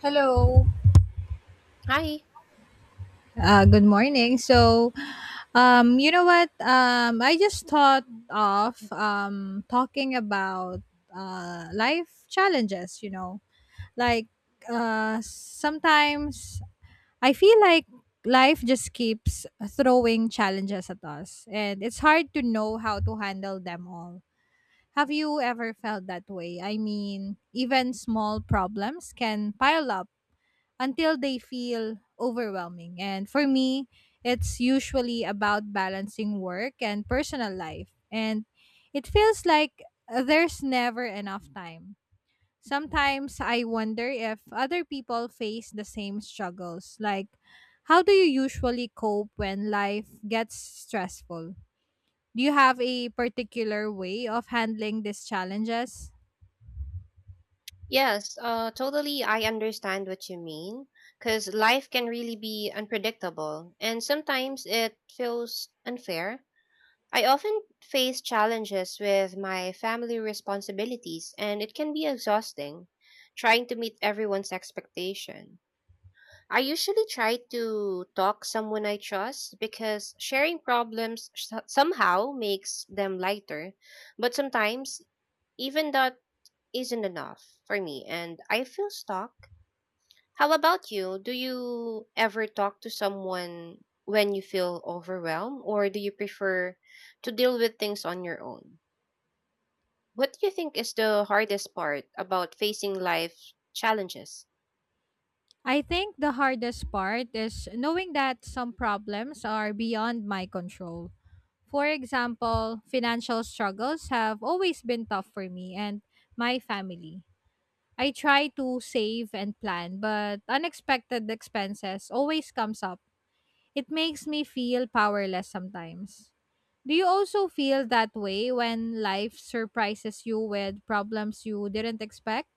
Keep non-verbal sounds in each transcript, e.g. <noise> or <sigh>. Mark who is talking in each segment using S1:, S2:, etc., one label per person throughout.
S1: Hello.
S2: Hi.
S1: Good morning. So, you know what? I just thought of talking about life challenges, like sometimes I feel like life just keeps throwing challenges at us, and it's hard to know how to handle them all. Have you ever felt that way? I mean, even small problems can pile up until they feel overwhelming. And for me, it's usually about balancing work and personal life. And it feels like there's never enough time. Sometimes I wonder if other people face the same struggles. Like, how do you usually cope when life gets stressful? Do you have a particular way of handling these challenges?
S2: Yes, totally. I understand what you mean. Because life can really be unpredictable, and sometimes it feels unfair. I often face challenges with my family responsibilities, and it can be exhausting trying to meet everyone's expectation. I usually try to talk someone I trust because sharing problems somehow makes them lighter, but sometimes even that isn't enough for me and I feel stuck. How about you? Do you ever talk to someone when you feel overwhelmed or do you prefer to deal with things on your own? What do you think is the hardest part about facing life challenges?
S1: I think the hardest part is knowing that some problems are beyond my control. For example, financial struggles have always been tough for me and my family. I try to save and plan, but unexpected expenses always comes up. It makes me feel powerless sometimes. Do you also feel that way when life surprises you with problems you didn't expect?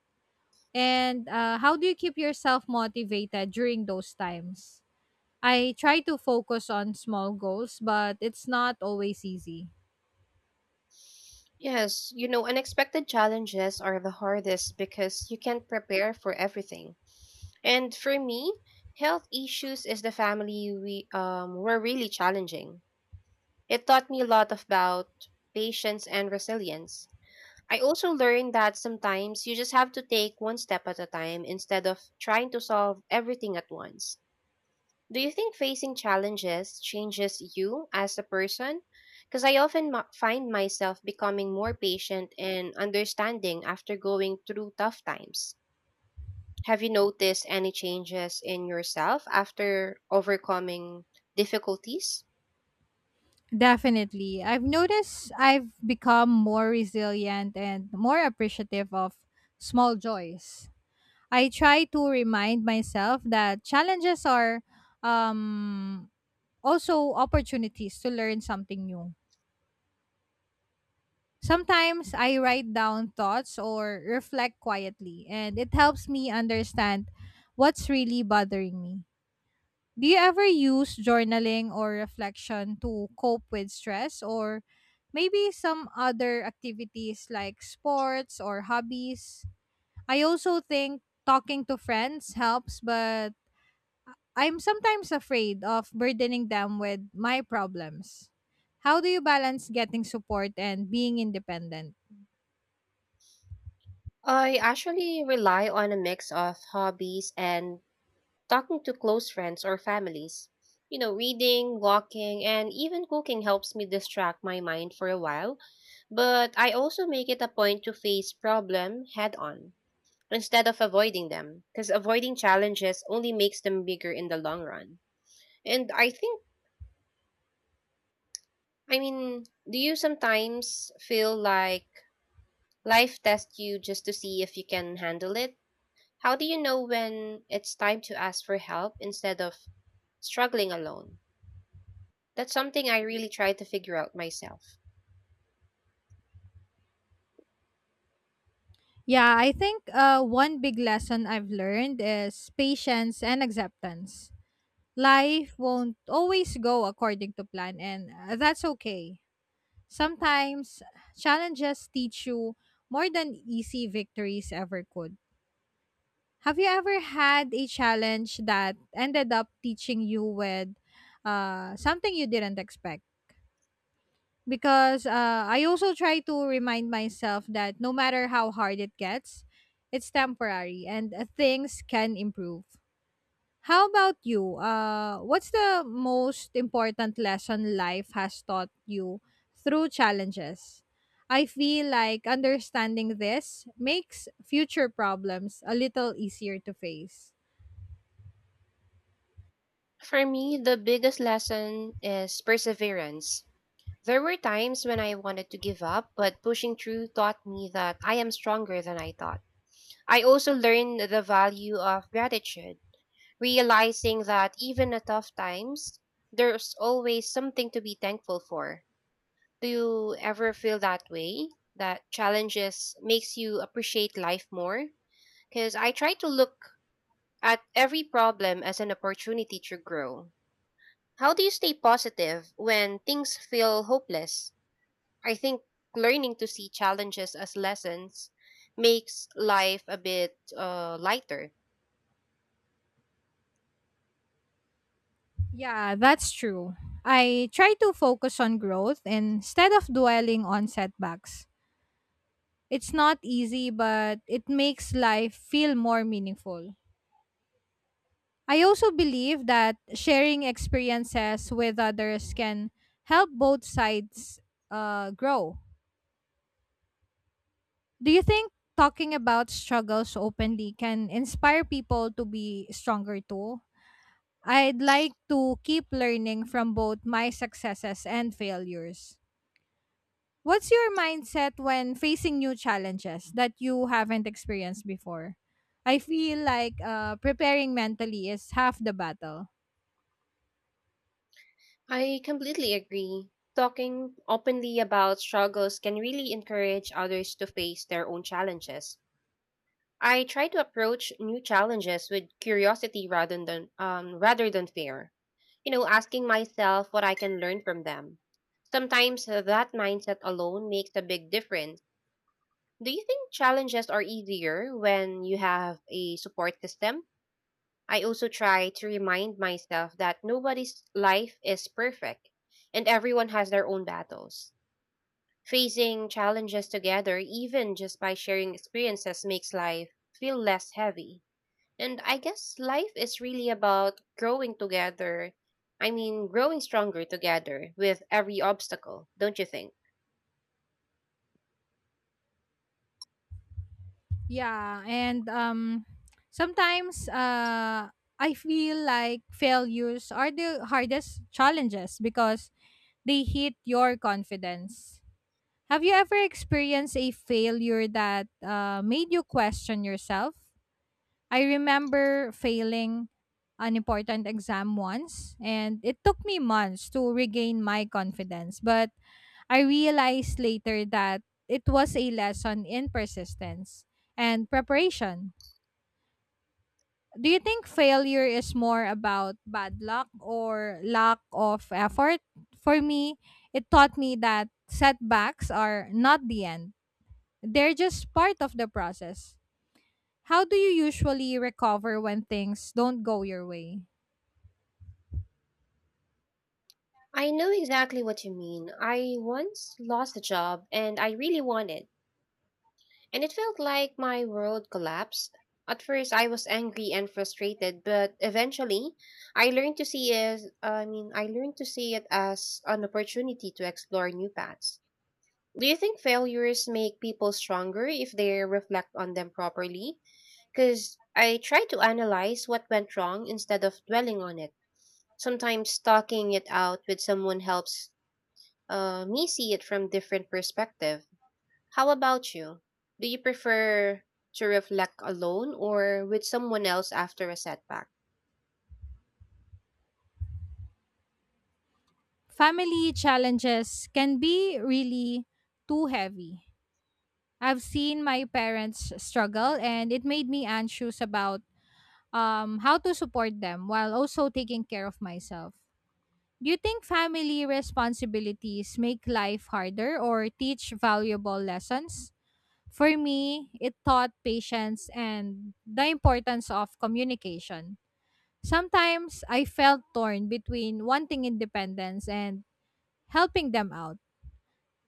S1: And how do you keep yourself motivated during those times? I try to focus on small goals, but it's not always easy.
S2: Yes, you know, unexpected challenges are the hardest because you can't prepare for everything. And for me, health issues is the family we were really challenging. It taught me a lot about patience and resilience. I also learned that sometimes you just have to take one step at a time instead of trying to solve everything at once. Do you think facing challenges changes you as a person? Because I often find myself becoming more patient and understanding after going through tough times. Have you noticed any changes in yourself after overcoming difficulties?
S1: Definitely. I've noticed I've become more resilient and more appreciative of small joys. I try to remind myself that challenges are um, also opportunities to learn something new. Sometimes I write down thoughts or reflect quietly, and it helps me understand what's really bothering me. Do you ever use journaling or reflection to cope with stress or maybe some other activities like sports or hobbies? I also think talking to friends helps, but I'm sometimes afraid of burdening them with my problems. How do you balance getting support and being independent?
S2: I actually rely on a mix of hobbies and talking to close friends or families. You know, reading, walking, and even cooking helps me distract my mind for a while, but I also make it a point to face problem head on instead of avoiding them because avoiding challenges only makes them bigger in the long run. And I think I mean, do you sometimes feel like life tests you just to see if you can handle it? How do you know when it's time to ask for help instead of struggling alone? That's something I really try to figure out myself.
S1: Yeah, I think one big lesson I've learned is patience and acceptance. Life won't always go according to plan, and that's okay. Sometimes challenges teach you more than easy victories ever could. Have you ever had a challenge that ended up teaching you with something you didn't expect? Because I also try to remind myself that no matter how hard it gets, it's temporary and things can improve. How about you? What's the most important lesson life has taught you through challenges? I feel like understanding this makes future problems a little easier to face.
S2: For me, the biggest lesson is perseverance. There were times when I wanted to give up, but pushing through taught me that I am stronger than I thought. I also learned the value of gratitude, realizing that even at tough times, there's always something to be thankful for. Do you ever feel that way? That challenges makes you appreciate life more? Because I try to look at every problem as an opportunity to grow. How do you stay positive when things feel hopeless? I think learning to see challenges as lessons makes life a bit lighter.
S1: Yeah, that's true. I try to focus on growth instead of dwelling on setbacks. It's not easy, but it makes life feel more meaningful. I also believe that sharing experiences with others can help both sides grow. Do you think talking about struggles openly can inspire people to be stronger too? I'd like to keep learning from both my successes and failures. What's your mindset when facing new challenges that you haven't experienced before? I feel like preparing mentally is half the battle.
S2: I completely agree. Talking openly about struggles can really encourage others to face their own challenges. I try to approach new challenges with curiosity rather than fear. You know, asking myself what I can learn from them. Sometimes that mindset alone makes a big difference. Do you think challenges are easier when you have a support system? I also try to remind myself that nobody's life is perfect and everyone has their own battles. Facing challenges together, even just by sharing experiences, makes life feel less heavy. And I guess life is really about growing together. I mean, growing stronger together with every obstacle, don't you think?
S1: Yeah, and sometimes I feel like failures are the hardest challenges because they hit your confidence. Have you ever experienced a failure that made you question yourself? I remember failing an important exam once, and it took me months to regain my confidence. But I realized later that it was a lesson in persistence and preparation. Do you think failure is more about bad luck or lack of effort? For me, it taught me that setbacks are not the end. They're just part of the process. How do you usually recover when things don't go your way?
S2: I know exactly what you mean. I once lost a job and I really wanted, and it felt like my world collapsed. At first, I was angry and frustrated, but eventually, I learned to see it as an opportunity to explore new paths. Do you think failures make people stronger if they reflect on them properly? Because I try to analyze what went wrong instead of dwelling on it. Sometimes talking it out with someone helps me see it from different perspective. How about you? Do you prefer to reflect alone or with someone else after a setback?
S1: Family challenges can be really too heavy. I've seen my parents struggle and it made me anxious about how to support them while also taking care of myself. Do you think family responsibilities make life harder or teach valuable lessons? For me, it taught patience and the importance of communication. Sometimes I felt torn between wanting independence and helping them out.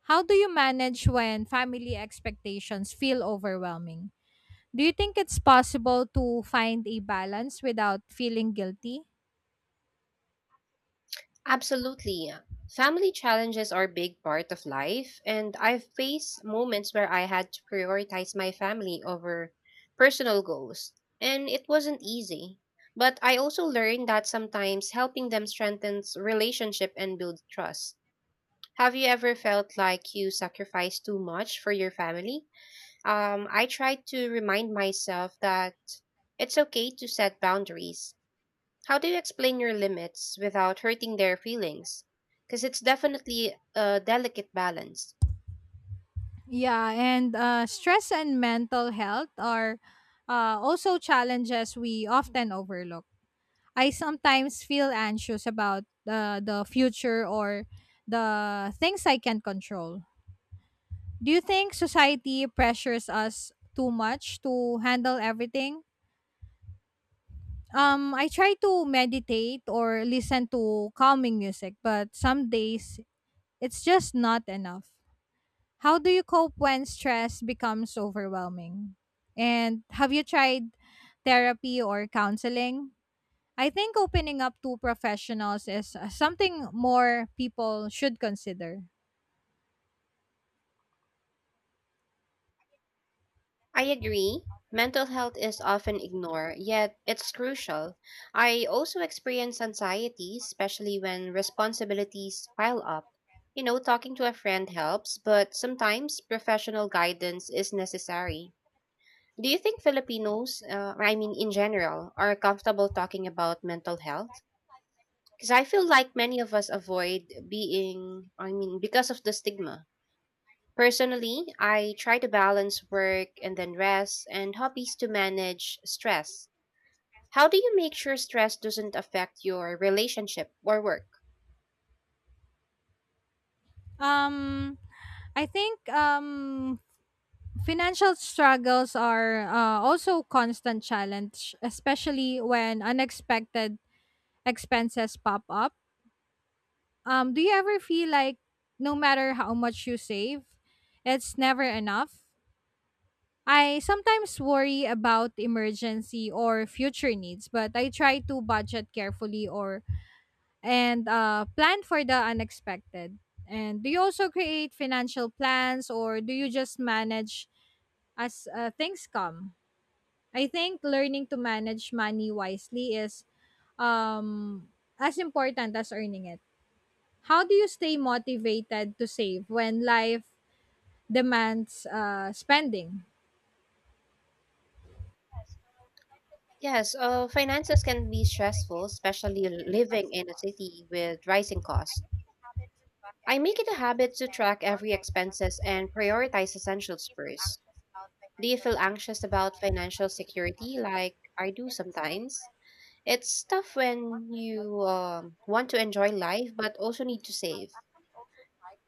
S1: How do you manage when family expectations feel overwhelming? Do you think it's possible to find a balance without feeling guilty?
S2: Absolutely. Yeah. Family challenges are a big part of life, and I've faced moments where I had to prioritize my family over personal goals, and it wasn't easy. But I also learned that sometimes helping them strengthens relationship and build trust. Have you ever felt like you sacrificed too much for your family? I try to remind myself that it's okay to set boundaries. How do you explain your limits without hurting their feelings? Because it's definitely a delicate balance.
S1: Yeah, and stress and mental health are also challenges we often overlook. I sometimes feel anxious about the future or the things I can control. Do you think society pressures us too much to handle everything? I try to meditate or listen to calming music, but some days it's just not enough. How do you cope when stress becomes overwhelming? And have you tried therapy or counseling? I think opening up to professionals is something more people should consider.
S2: I agree. Mental health is often ignored, yet it's crucial. I also experience anxiety, especially when responsibilities pile up. You know, talking to a friend helps, but sometimes professional guidance is necessary. Do you think Filipinos, I mean in general, are comfortable talking about mental health? Because I feel like many of us avoid being, I mean, because of the stigma. Personally, I try to balance work and then rest and hobbies to manage stress. How do you make sure stress doesn't affect your relationship or work?
S1: Um, I think financial struggles are also constant challenge, especially when unexpected expenses pop up. Do you ever feel like no matter how much you save, it's never enough? I sometimes worry about emergency or future needs, but I try to budget carefully or and plan for the unexpected. And do you also create financial plans or do you just manage as things come? I think learning to manage money wisely is um, as important as earning it. How do you stay motivated to save when life demands spending?
S2: Yes, finances can be stressful, especially living in a city with rising costs. I make it a habit to track every expenses and prioritize essentials first. Do you feel anxious about financial security like I do sometimes? It's tough when you want to enjoy life but also need to save.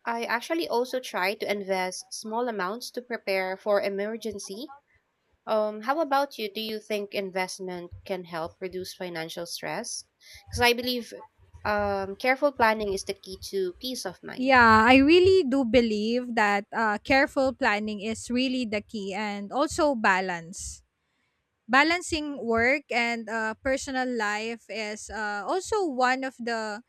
S2: I actually also try to invest small amounts to prepare for emergency. How about you? Do you think investment can help reduce financial stress? Because I believe careful planning is the key to peace of mind.
S1: Yeah, I really do believe that careful planning is really the key and also balance. Balancing work and personal life is also one of the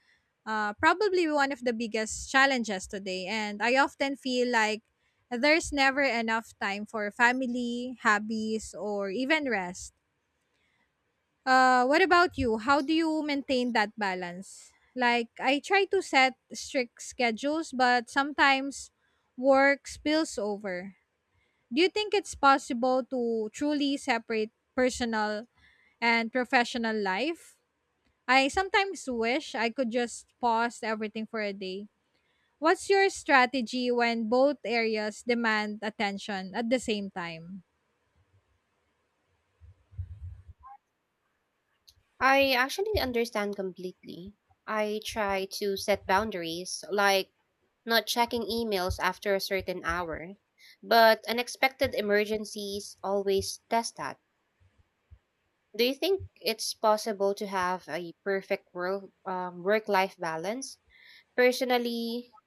S1: probably one of the biggest challenges today. And I often feel like there's never enough time for family, hobbies, or even rest. What about you? How do you maintain that balance? Like, I try to set strict schedules, but sometimes work spills over. Do you think it's possible to truly separate personal and professional life? I sometimes wish I could just pause everything for a day. What's your strategy when both areas demand attention at the same time?
S2: I actually understand completely. I try to set boundaries, like not checking emails after a certain hour, but unexpected emergencies always test that. Do you think it's possible to have a perfect work life balance? Personally,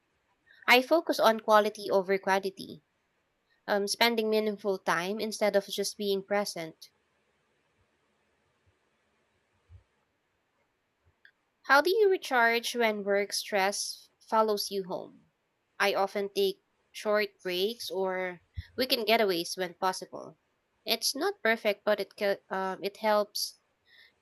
S2: I focus on quality over quantity, spending meaningful time instead of just being present. How do you recharge when work stress follows you home? I often take short breaks or weekend getaways when possible. It's not perfect, but it it helps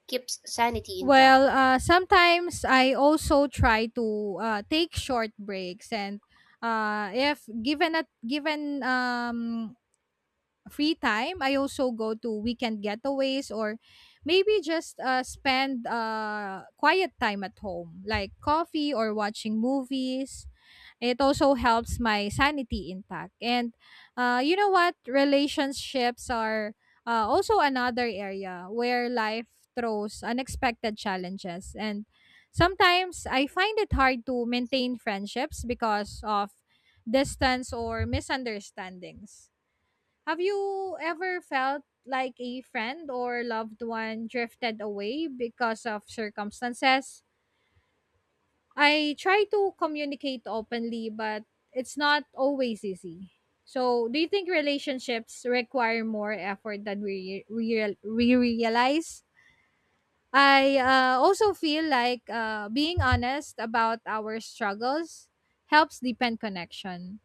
S2: keeps sanity intact.
S1: Well, sometimes I also try to take short breaks, and if given free time, I also go to weekend getaways or maybe just spend quiet time at home, like coffee or watching movies. It also helps my sanity intact. And you know what? Relationships are also another area where life throws unexpected challenges. And sometimes I find it hard to maintain friendships because of distance or misunderstandings. Have you ever felt like a friend or loved one drifted away because of circumstances? I try to communicate openly, but it's not always easy. So, do you think relationships require more effort than we realize? I also feel like being honest about our struggles helps deepen connection.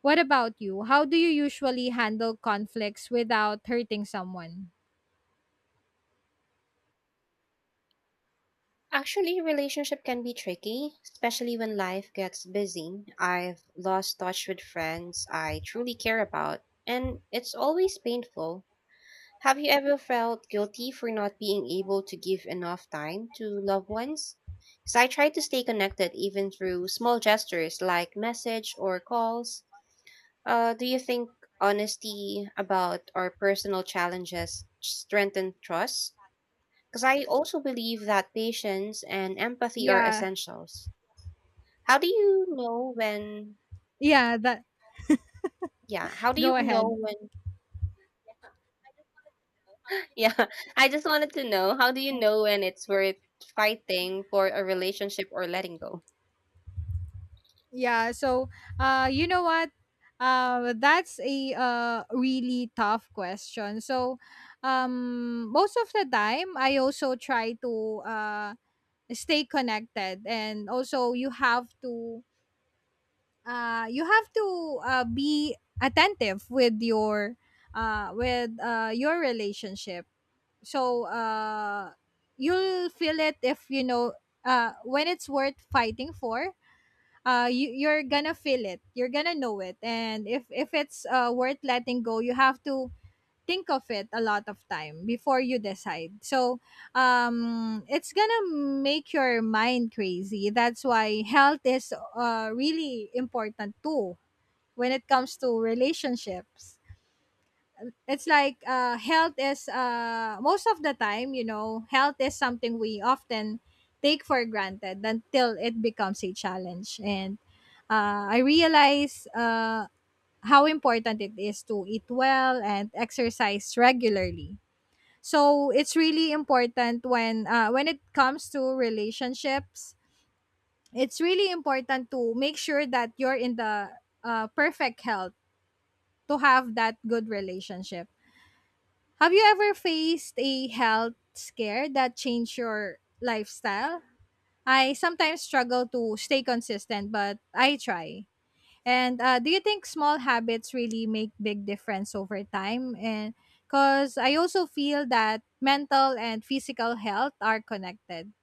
S1: What about you? How do you usually handle conflicts without hurting someone?
S2: Actually, relationship can be tricky, especially when life gets busy. I've lost touch with friends I truly care about, and it's always painful. Have you ever felt guilty for not being able to give enough time to loved ones? Because I try to stay connected even through small gestures like message or calls. Do you think honesty about our personal challenges strengthen trust? Because I also believe that patience and empathy are
S1: Yeah,
S2: essentials. How do you know when?
S1: Yeah, that
S2: Yeah, how do you
S1: go
S2: know
S1: ahead.
S2: when? Yeah, <laughs> I just wanted to know how do you know when it's worth fighting for a relationship or letting go?
S1: Yeah, so you know what? That's a really tough question. So most of the time I also try to stay connected and also you have to be attentive with your relationship. So you'll feel it if you know when it's worth fighting for. You're gonna feel it, you're gonna know it, and if it's worth letting go you have to think of it a lot of time before you decide. It's gonna make your mind crazy. That's why health is really important too when it comes to relationships. It's like health is most of the time you know health is something we often take for granted until it becomes a challenge. And I realize how important it is to eat well and exercise regularly. So it's really important when it comes to relationships it's really important to make sure that you're in the perfect health to have that good relationship. Have you ever faced a health scare that changed your lifestyle? I sometimes struggle to stay consistent, but I try. And do you think small habits really make big difference over time? And because I also feel that mental and physical health are connected.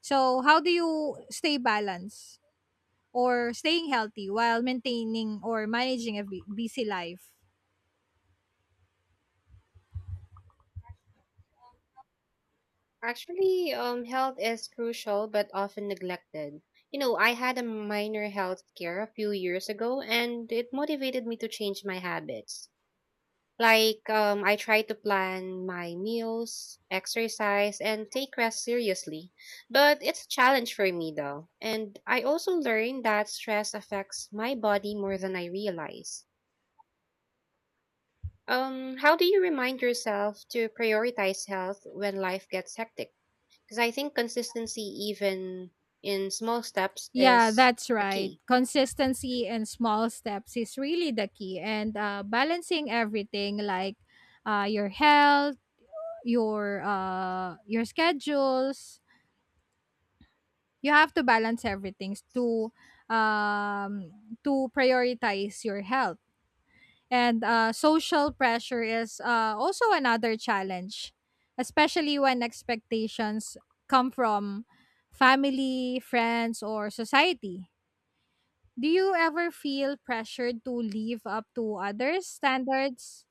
S1: So how do you stay balanced or staying healthy while maintaining or managing a busy life?
S2: Actually, health is crucial but often neglected. You know, I had a minor health scare a few years ago, and it motivated me to change my habits. Like, I try to plan my meals, exercise, and take rest seriously. But it's a challenge for me, though. And I also learned that stress affects my body more than I realize. How do you remind yourself to prioritize health when life gets hectic? Because I think consistency, even in small steps,
S1: Yeah,
S2: is
S1: that's
S2: a
S1: right.
S2: key.
S1: Consistency and small steps is really the key. And balancing everything like your health, your schedules, you have to balance everything um, to prioritize your health. And social pressure is also another challenge, especially when expectations come from family, friends, or society. Do you ever feel pressured to live up to others' standards?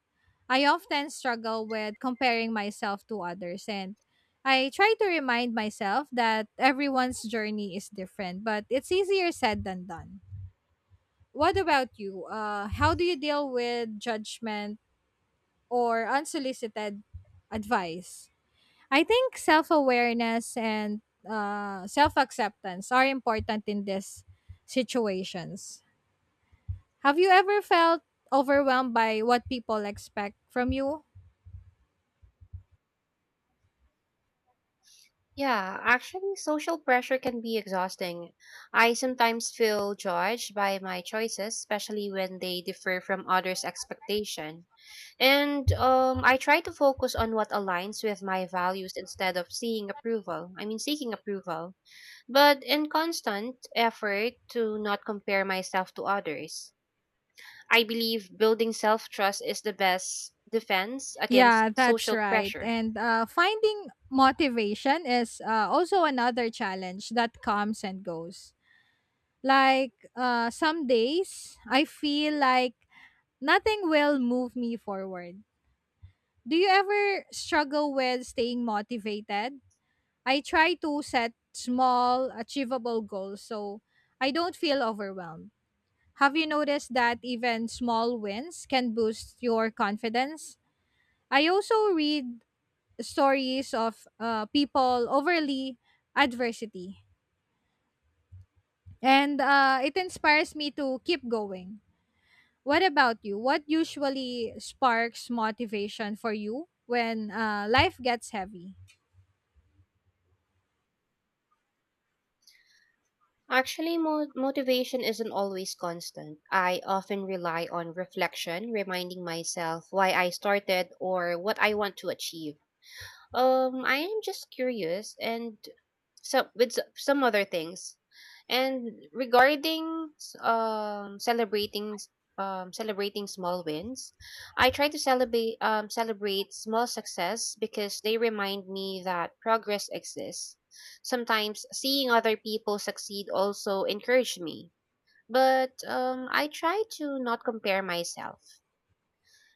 S1: I often struggle with comparing myself to others, and I try to remind myself that everyone's journey is different, but it's easier said than done. What about you? How do you deal with judgment or unsolicited advice? I think self awareness and self acceptance are important in these situations. Have you ever felt overwhelmed by what people expect from you?
S2: Yeah, actually, social pressure can be exhausting. I sometimes feel judged by my choices, especially when they differ from others' expectation. And I try to focus on what aligns with my values instead of seeing approval. I mean, seeking approval. But in constant effort to not compare myself to others. I believe building self trust is the best defense against
S1: Yeah, that's
S2: social
S1: right.
S2: pressure.
S1: And finding motivation is also another challenge that comes and goes. Like some days, I feel like nothing will move me forward. Do you ever struggle with staying motivated? I try to set small, achievable goals so I don't feel overwhelmed. Have you noticed that even small wins can boost your confidence? I also read stories of people overly adversity, and it inspires me to keep going. What about you? What usually sparks motivation for you when life gets heavy?
S2: Actually, motivation isn't always constant. I often rely on reflection, reminding myself why I started or what I want to achieve. I am just curious and some other things. And regarding celebrating small wins, I try to celebrate small success because they remind me that progress exists. Sometimes seeing other people succeed also encourage me. But I try to not compare myself.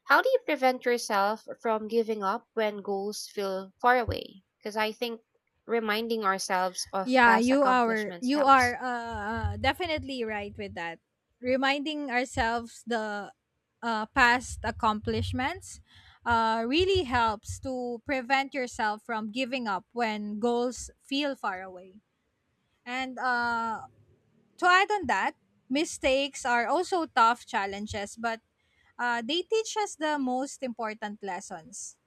S2: How do you prevent yourself from giving up when goals feel far away? Because I think reminding ourselves of
S1: Yeah,
S2: past
S1: you are
S2: accomplishments helps.
S1: definitely right with that. Reminding ourselves the past accomplishments really helps to prevent yourself from giving up when goals feel far away. And to add on that, mistakes are also tough challenges, but they teach us the most important lessons.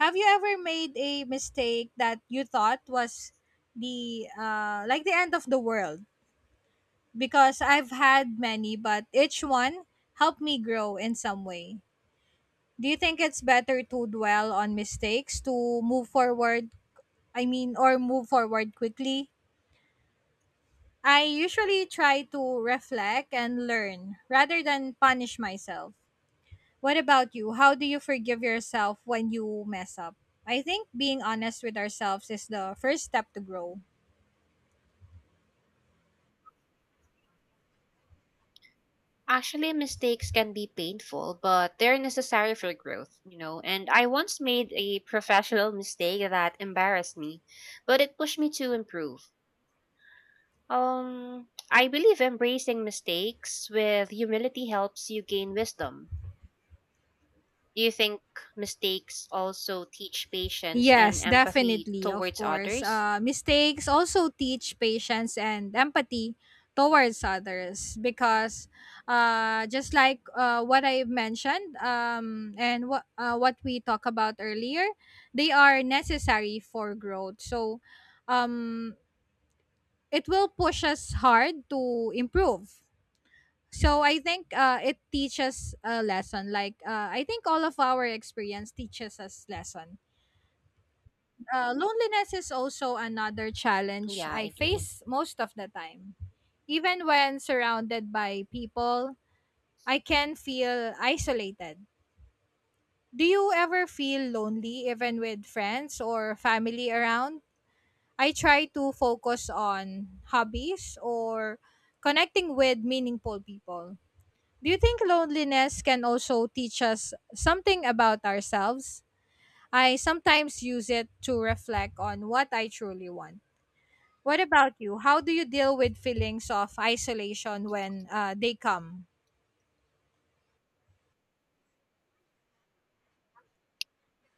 S1: Have you ever made a mistake that you thought was the like the end of the world? Because I've had many, but each one helped me grow in some way. Do you think it's better to dwell on mistakes to move forward? I mean, or move forward quickly? I usually try to reflect and learn rather than punish myself. What about you? How do you forgive yourself when you mess up? I think being honest with ourselves is the first step to grow.
S2: Actually, mistakes can be painful, but they're necessary for growth, you know. And I once made a professional mistake that embarrassed me, but it pushed me to improve. I believe embracing mistakes with humility helps you gain wisdom. Do you think mistakes also teach patience and
S1: Yes,
S2: empathy
S1: definitely, of
S2: towards
S1: course.
S2: others?
S1: Mistakes also teach patience and empathy towards others because just like what I mentioned and what we talked about earlier, they are necessary for growth. So um, it will push us hard to improve. So I think it teaches a lesson. Like I think all of our experience teaches us lesson. Loneliness is also another challenge
S2: Yeah, I
S1: I
S2: agree.
S1: face most of the time. Even when surrounded by people, I can feel isolated. Do you ever feel lonely even with friends or family around? I try to focus on hobbies or connecting with meaningful people. Do you think loneliness can also teach us something about ourselves? I sometimes use it to reflect on what I truly want. What about you? How do you deal with feelings of isolation when they come?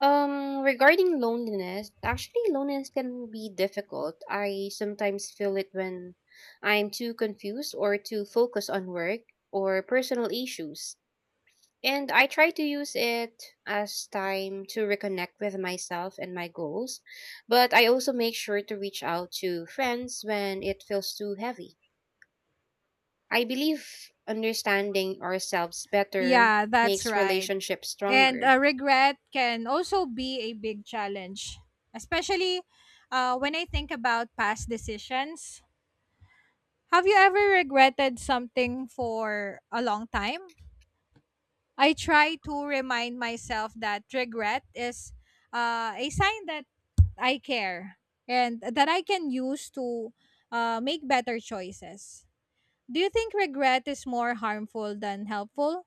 S2: Regarding loneliness, actually, loneliness can be difficult. I sometimes feel it when I'm too confused or too focused on work or personal issues. And I try to use it as time to reconnect with myself and my goals, but I also make sure to reach out to friends when it feels too heavy. I believe understanding ourselves better
S1: Yeah, that's
S2: makes
S1: right.
S2: relationships
S1: And
S2: stronger.
S1: regret can also be a big challenge, especially when I think about past decisions. Have you ever regretted something for a long time? I try to remind myself that regret is a sign that I care and that I can use to make better choices. Do you think regret is more harmful than helpful?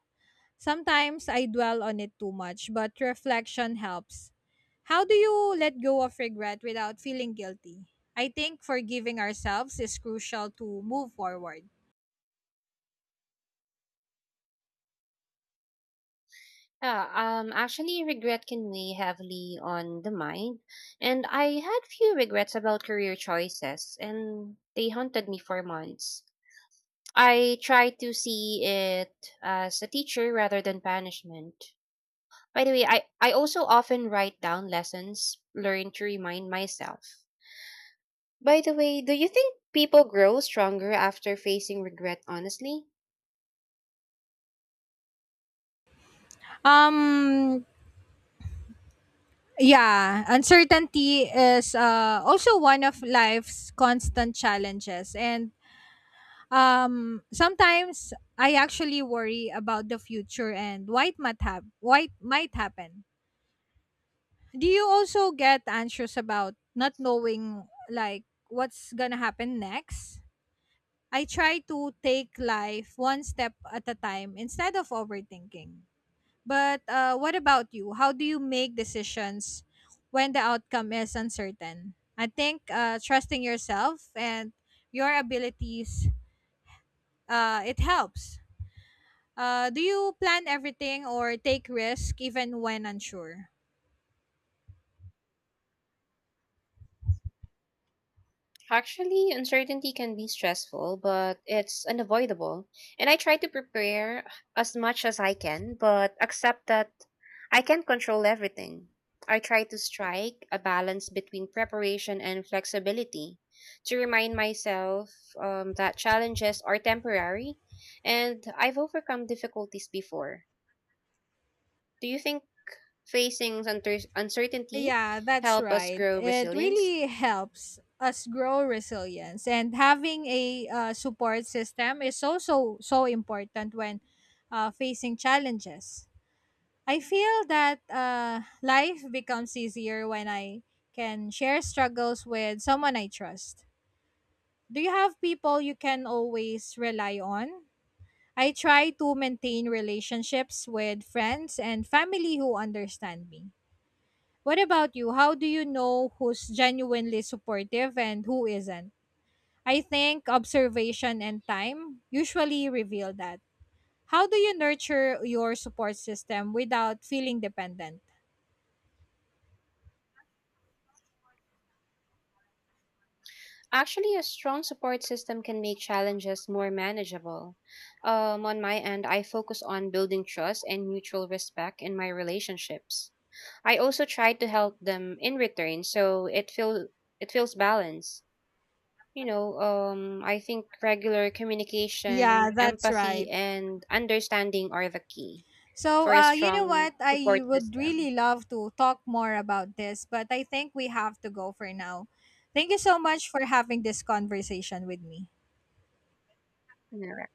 S1: Sometimes I dwell on it too much, but reflection helps. How do you let go of regret without feeling guilty? I think forgiving ourselves is crucial to move forward.
S2: Yeah, actually, regret can weigh heavily on the mind, and I had few regrets about career choices, and they haunted me for months. I tried to see it as a teacher rather than punishment. By the way, I also often write down lessons learned to remind myself. By the way, do you think people grow stronger after facing regret honestly?
S1: Um, Yeah, uncertainty is also one of life's constant challenges. And sometimes I actually worry about the future and what might happen. Do you also get anxious about not knowing, like, what's gonna happen next? I try to take life one step at a time instead of overthinking. But what about you? How do you make decisions when the outcome is uncertain? I think trusting yourself and your abilities it helps. Do you plan everything or take risk even when unsure?
S2: Actually, uncertainty can be stressful, but it's unavoidable. And I try to prepare as much as I can, but accept that I can't control everything. I try to strike a balance between preparation and flexibility to remind myself that challenges are temporary and I've overcome difficulties before. Do you think facing uncertainty
S1: Yeah, that's
S2: help us
S1: right.
S2: grow
S1: It
S2: resilience?
S1: really helps us grow resilience, and having a support system is also so important when facing challenges. I feel that life becomes easier when I can share struggles with someone I trust. Do you have people you can always rely on? I try to maintain relationships with friends and family who understand me. What about you? How do you know who's genuinely supportive and who isn't? I think observation and time usually reveal that. How do you nurture your support system without feeling dependent?
S2: Actually, a strong support system can make challenges more manageable. On my end, I focus on building trust and mutual respect in my relationships. I also try to help them in return, so it feels balanced. You know, I think regular
S1: Yeah,
S2: communication,
S1: that's
S2: empathy,
S1: right.
S2: and understanding are the key
S1: So,
S2: for a
S1: you know
S2: strong
S1: what?
S2: support
S1: I would
S2: system.
S1: really love to talk more about this, but I think we have to go for now. Thank you so much for having this conversation with me.
S2: All right.